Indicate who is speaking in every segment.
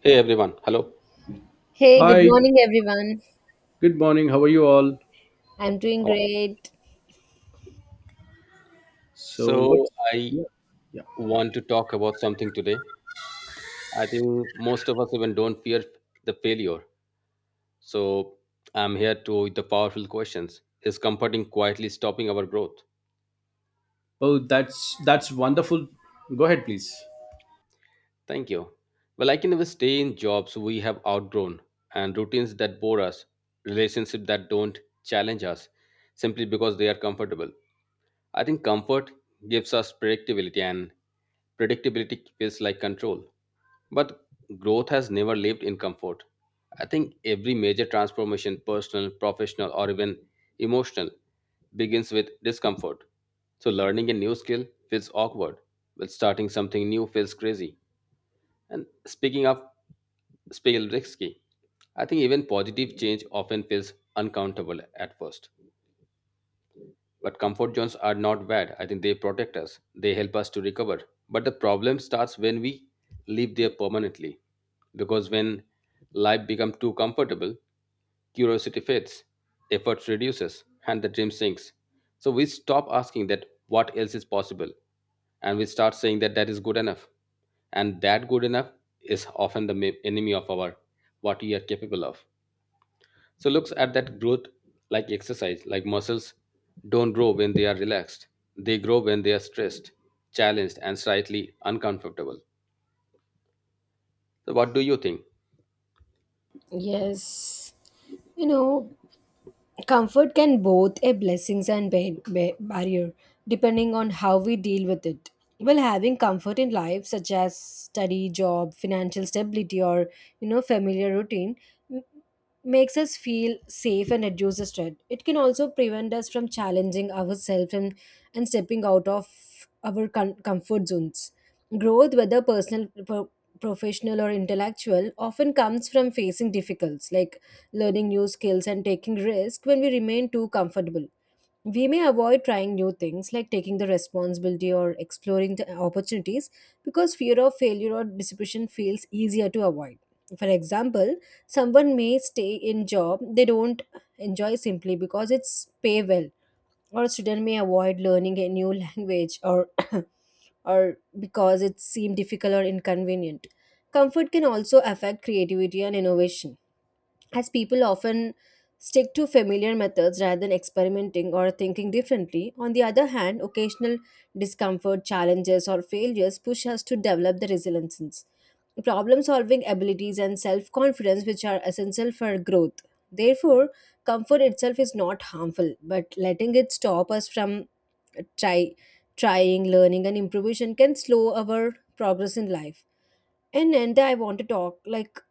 Speaker 1: Hey everyone, hello.
Speaker 2: Hey, good
Speaker 3: Hi,
Speaker 2: morning, everyone.
Speaker 3: good morning. How are you all?
Speaker 2: I'm doing
Speaker 1: Uh,
Speaker 2: great.
Speaker 3: So what?
Speaker 1: So I
Speaker 3: Yeah, yeah.
Speaker 1: want to talk about something today. I think most of us even don't fear the failure. So I'm here to with the powerful questions. Is comforting quietly stopping our growth?
Speaker 3: Oh, that's wonderful. Go ahead, please.
Speaker 1: Thank you. Well, I can never stay in jobs we have outgrown and routines that bore us, relationships that don't challenge us simply because they are comfortable. I think comfort gives us predictability and predictability feels like control. But growth has never lived in comfort. I think every major transformation, personal, professional, or even emotional, begins with discomfort. So, learning a new skill feels awkward, while starting something new feels crazy. And speaking of feels risky, I think even positive change often feels uncountable at first. But comfort zones are not bad. I think they protect us, they help us to recover. But the problem starts when we live there permanently. Because when life becomes too comfortable, curiosity fades, effort reduces, and the dream sinks. So we stop asking that what else is possible, and we start saying that that is good enough. And that good enough is often the enemy of our what we are capable of. So looks at that growth like exercise, like muscles don't grow when they are relaxed. They grow when they are stressed, challenged, and slightly uncomfortable. So what do you think?
Speaker 2: Yes, you know, comfort can both a blessings and barrier depending on how we deal with it. Well, having comfort in life such as study, job, financial stability or familiar routine m- makes us feel safe and reduces stress. It can also prevent us from challenging ourselves and stepping out of our comfort zones. Growth, whether personal, professional or intellectual, often comes from facing difficulties like learning new skills and taking risks when we remain too comfortable. We may avoid trying new things like taking the responsibility or exploring the opportunities because fear of failure or disappointment feels easier to avoid. For example, someone may stay in job they don't enjoy simply because it's pay well or a student may avoid learning a new language or or because it seems difficult or inconvenient. Comfort can also affect creativity and innovation as people often stick to familiar methods rather than experimenting or thinking differently. On the other hand, occasional discomfort, challenges, or failures push us to develop the resilience, problem solving abilities, and self confidence, which are essential for growth. Therefore, comfort itself is not harmful, but letting it stop us from try, trying, learning, and improvisation can slow our progress in life. In end, I want to talk like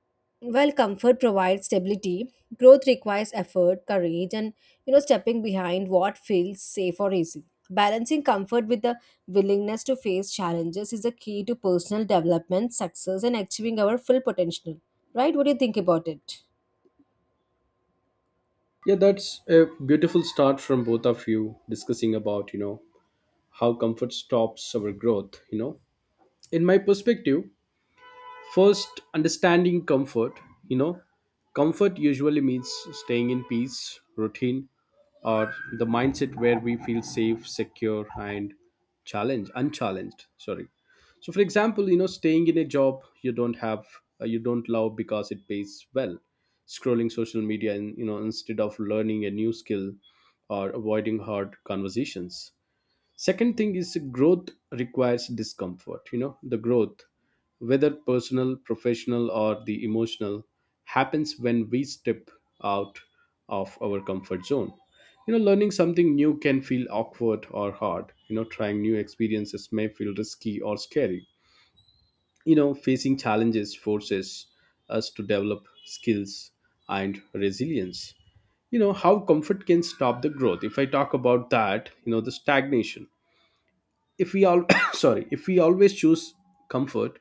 Speaker 2: while comfort provides stability, growth requires effort, courage, and stepping behind what feels safe or easy. Balancing comfort with the willingness to face challenges is the key to personal development, success, and achieving our full potential. Right? What do you think about it?
Speaker 3: Yeah, that's a beautiful start from both of you discussing about, how comfort stops our growth. In my perspective, first understanding comfort, you know, comfort usually means staying in peace, routine, or the mindset where we feel safe, secure, and challenged, unchallenged. Sorry. So for example, staying in a job you don't have you don't love because it pays well, scrolling social media, and instead of learning a new skill or avoiding hard conversations. Second thing is growth requires discomfort, the growth, whether personal, professional, or the emotional, happens when we step out of our comfort zone. Learning something new can feel awkward or hard, trying new experiences may feel risky or scary. Facing challenges forces us to develop skills and resilience. How comfort can stop the growth if I talk about that, the stagnation. If we all sorry, if we always choose comfort,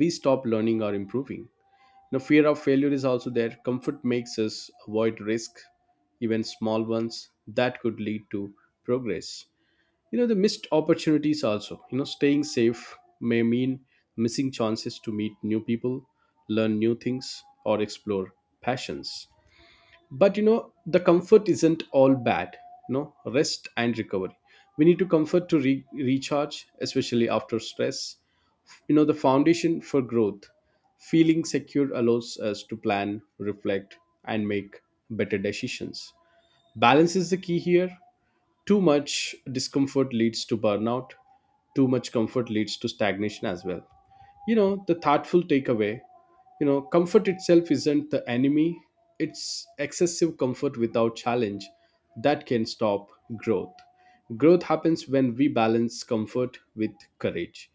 Speaker 3: we stop learning or improving. Now, fear of failure is also there. Comfort makes us avoid risk, even small ones that could lead to progress. The missed opportunities also. Staying safe may mean missing chances to meet new people, learn new things, or explore passions. But the comfort isn't all bad. you know rest and recovery, we need to comfort to recharge, especially after stress. The foundation for growth, feeling secure allows us to plan, reflect, and make better decisions. Balance is the key here. Too much discomfort leads to burnout. Too much comfort leads to stagnation as well. You know, the thoughtful takeaway, comfort itself isn't the enemy, it's excessive comfort without challenge that can stop growth. Growth happens when we balance comfort with courage,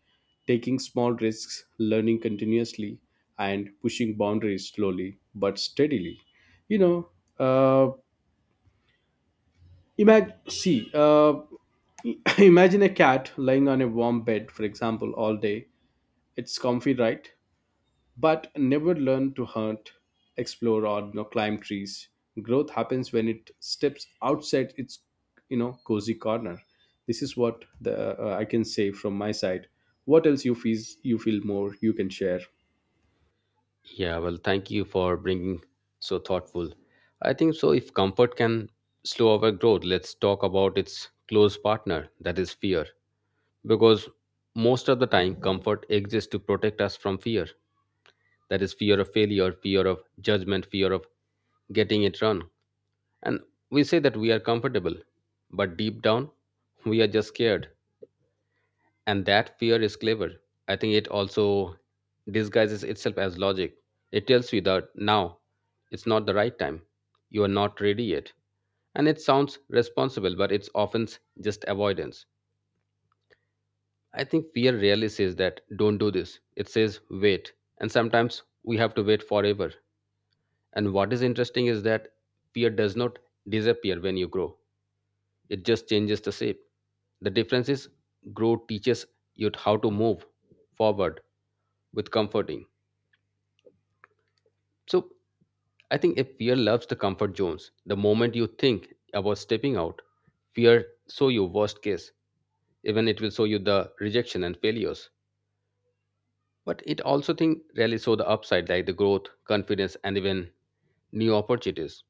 Speaker 3: taking small risks, learning continuously, and pushing boundaries slowly but steadily. You know, uh, imagine, imagine a cat lying on a warm bed, for example, all day. It's comfy, right? But never learn to hunt, explore, or climb trees. Growth happens when it steps outside its cozy corner. This is what the I can say from my side. What else you feel more you can share?
Speaker 1: Yeah, well, thank you for bringing so thoughtful. I think so. If comfort can slow our growth, let's talk about its close partner, that is fear. Because most of the time, comfort exists to protect us from fear. That is fear of failure, fear of judgment, fear of getting it wrong. And we say that we are comfortable, but deep down, we are just scared. And that fear is clever. I think it also disguises itself as logic. It tells you that now it's not the right time. You are not ready yet. And it sounds responsible, but it's often just avoidance. I think fear rarely says that don't do this. It says wait. And sometimes we have to wait forever. And what is interesting is that fear does not disappear when you grow. It just changes the shape. The difference is grow teaches you how to move forward with comforting. So I think if fear loves the comfort zones, the moment you think about stepping out, fear show you worst case. Even it will show you the rejection and failures. But it also think really show the upside like the growth, confidence, and even new opportunities.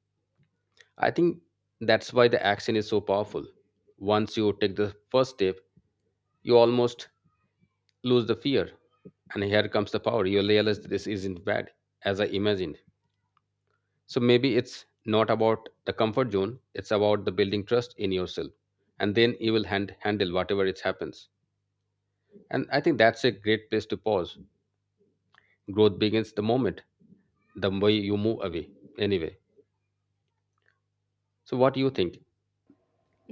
Speaker 1: I think that's why the action is so powerful. Once you take the first step, you almost lose the fear and here comes the power you realize this isn't bad as I imagined. So maybe it's not about the comfort zone, it's about the building trust in yourself and then you will handle whatever it happens. And I think that's a great place to pause. Growth begins the moment the way you move away anyway. So what do you think?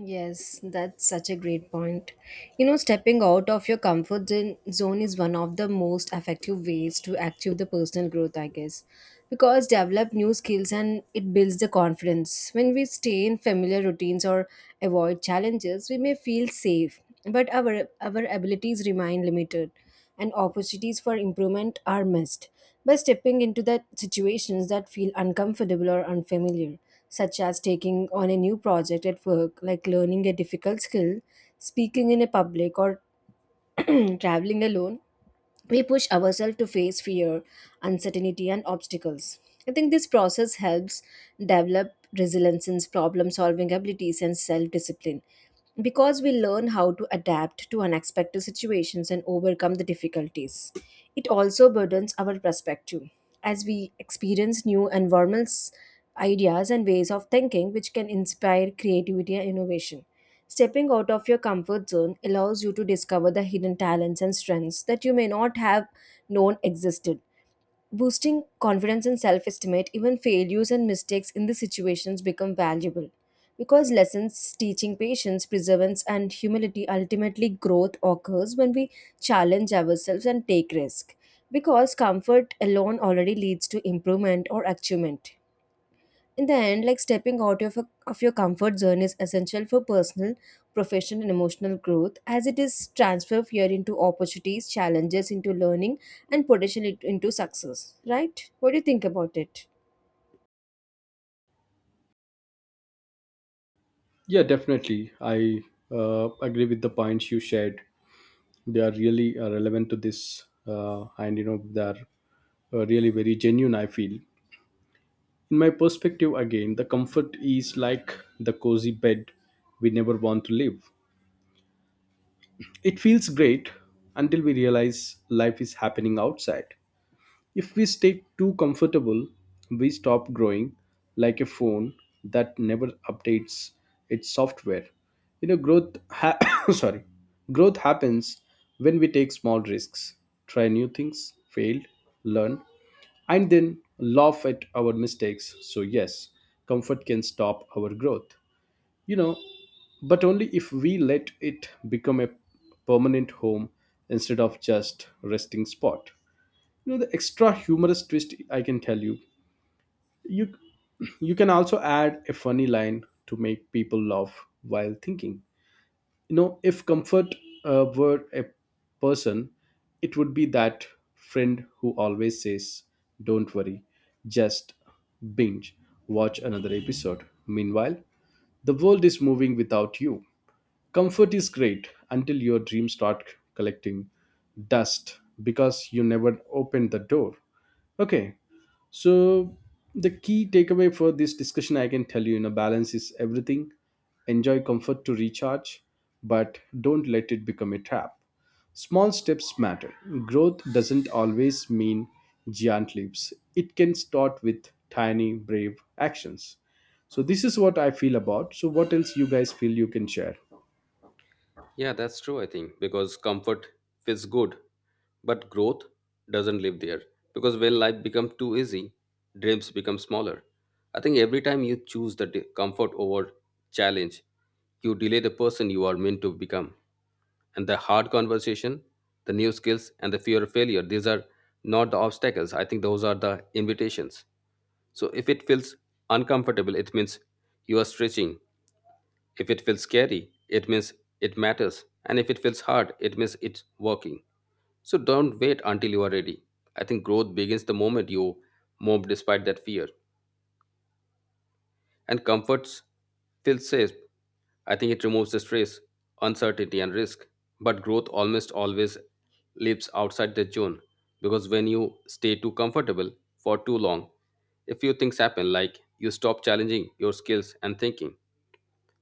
Speaker 2: Yes, that's such a great point. You know, stepping out of your zone is one of the most effective ways to achieve the personal growth, I guess, because develop new skills and it builds the confidence. When we stay in familiar routines or avoid challenges, we may feel safe but our abilities remain limited and opportunities for improvement are missed by stepping into that situations that feel uncomfortable or unfamiliar such as taking on a new project at work like learning a difficult skill speaking in a public or traveling alone we push ourselves to face fear, uncertainty, and obstacles. I think this process helps develop resilience, in problem solving abilities, and self discipline because we learn how to adapt to unexpected situations and overcome the difficulties. It also burdens our perspective as we experience new environments, ideas, and ways of thinking, which can inspire creativity and innovation. Stepping out of your comfort zone allows you to discover the hidden talents and strengths that you may not have known existed. Boosting confidence and self estimate, even failures and mistakes in these situations become valuable because lessons teaching patience, perseverance, and humility ultimately growth occurs when we challenge ourselves and take risk because comfort alone already leads to improvement or achievement. In the end, like stepping out of your comfort zone is essential for personal, professional, and emotional growth as it is transfer fear into opportunities, challenges into learning, and potential into success. Right? What do you think about it?
Speaker 3: Yeah, definitely. I agree with the points you shared. They are really relevant to this, and you know they are really very genuine, I feel. In my perspective, again, the comfort is like the cozy bed we never want to leave. It feels great until we realize life is happening outside. If we stay too comfortable, we stop growing like a phone that never updates its software. You know, growth ha- sorry. Growth happens when we take small risks, try new things, fail, learn, and then laugh at our mistakes. So yes, comfort can stop our growth. You know, but only if we let it become a permanent home instead of just resting spot. The extra humorous twist I can tell you, you can also add a funny line to make people laugh while thinking. If comfort were a person, it would be that friend who always says, don't worry, just binge watch another episode. Meanwhile, the world is moving without you. Comfort is great until your dreams start collecting dust because you never opened the door. Okay, so the key takeaway for this discussion, I can tell you, you know, balance is everything. Enjoy comfort to recharge, but don't let it become a trap. Small steps matter. Growth doesn't always mean giant leaps, it can start with tiny, brave actions. So this is what I feel about. So what else you guys feel you can share?
Speaker 1: Yeah, that's true. I think because comfort feels good. But growth doesn't live there because when life becomes too easy, dreams become smaller. I think every time you choose the comfort over challenge, you delay the person you are meant to become. And the hard conversation, the new skills, and the fear of failure, these are not the obstacles. I think those are the invitations. So if it feels uncomfortable, it means you are stretching. If it feels scary, it means it matters. And if it feels hard, it means it's working. So don't wait until you are ready. I think growth begins the moment you move despite that fear. And comforts feels safe. I think it removes the stress, uncertainty, and risk. But growth almost always lives outside the zone because when you stay too comfortable for too long, a few things happen like you stop challenging your skills and thinking.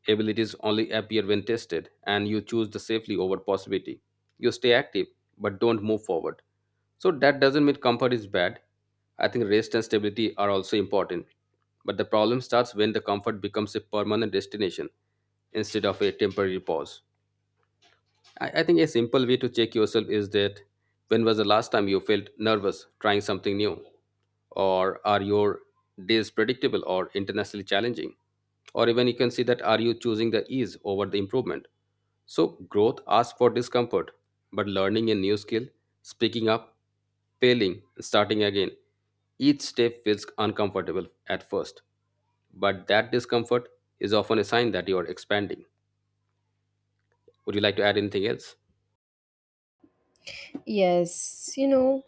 Speaker 1: Abilities only appear when tested, and you choose the safely over possibility. You stay active, but don't move forward. So that doesn't mean comfort is bad. I think rest and stability are also important. But the problem starts when the comfort becomes a permanent destination instead of a temporary pause. I think a simple way to check yourself is that when was the last time you felt nervous trying something new? Or are your days predictable or internationally challenging? Or even you can see that are you choosing the ease over the improvement? So growth asks for discomfort, but learning a new skill, speaking up, failing, and starting again, each step feels uncomfortable at first. But that discomfort is often a sign that you are expanding. Would you like to add anything else?
Speaker 2: Yes, you know,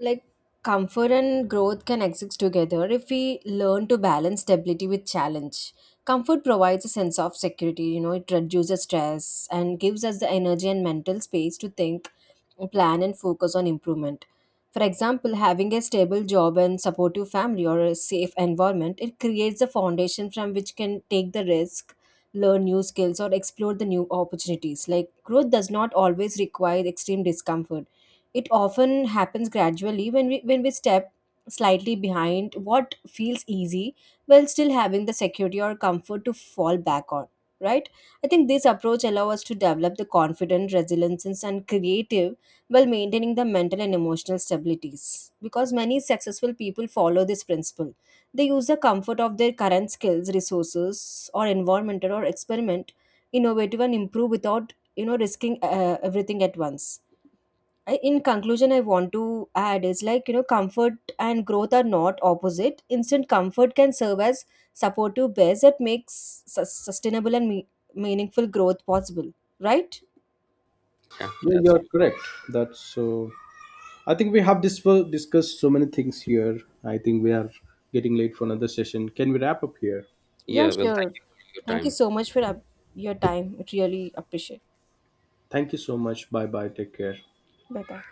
Speaker 2: like comfort and growth can exist together if we learn to balance stability with challenge comfort provides a sense of security you know it reduces stress and gives us the energy and mental space to think plan and focus on improvement for example having a stable job and supportive family or a safe environment it creates a foundation from which can take the risk learn new skills or explore the new opportunities like growth does not always require extreme discomfort it often happens gradually when we step slightly behind what feels easy while still having the security or comfort to fall back on, right? I think this approach allows us to develop the confident, resilience and creative while maintaining the mental and emotional stabilities. Because many successful people follow this principle. They use the comfort of their current skills, resources, or environment or experiment innovative and improve without risking everything at once. I, in conclusion, I want to add is like, you know, comfort and growth are not opposite. Instant comfort can serve as supportive base that makes sustainable and meaningful growth possible, right?
Speaker 1: Yeah,
Speaker 3: Yeah,
Speaker 1: that's
Speaker 3: you're correct. That's so. I think we have discussed so many things here. I think we are getting late for another session. Can we wrap up here?
Speaker 2: Yeah,
Speaker 1: Yeah, well, thank
Speaker 2: sure.
Speaker 1: you for your
Speaker 2: Thank you
Speaker 1: time.
Speaker 2: so much for your time. It really appreciate.
Speaker 3: Thank you so much. Bye bye. Take care.
Speaker 2: Bye bye.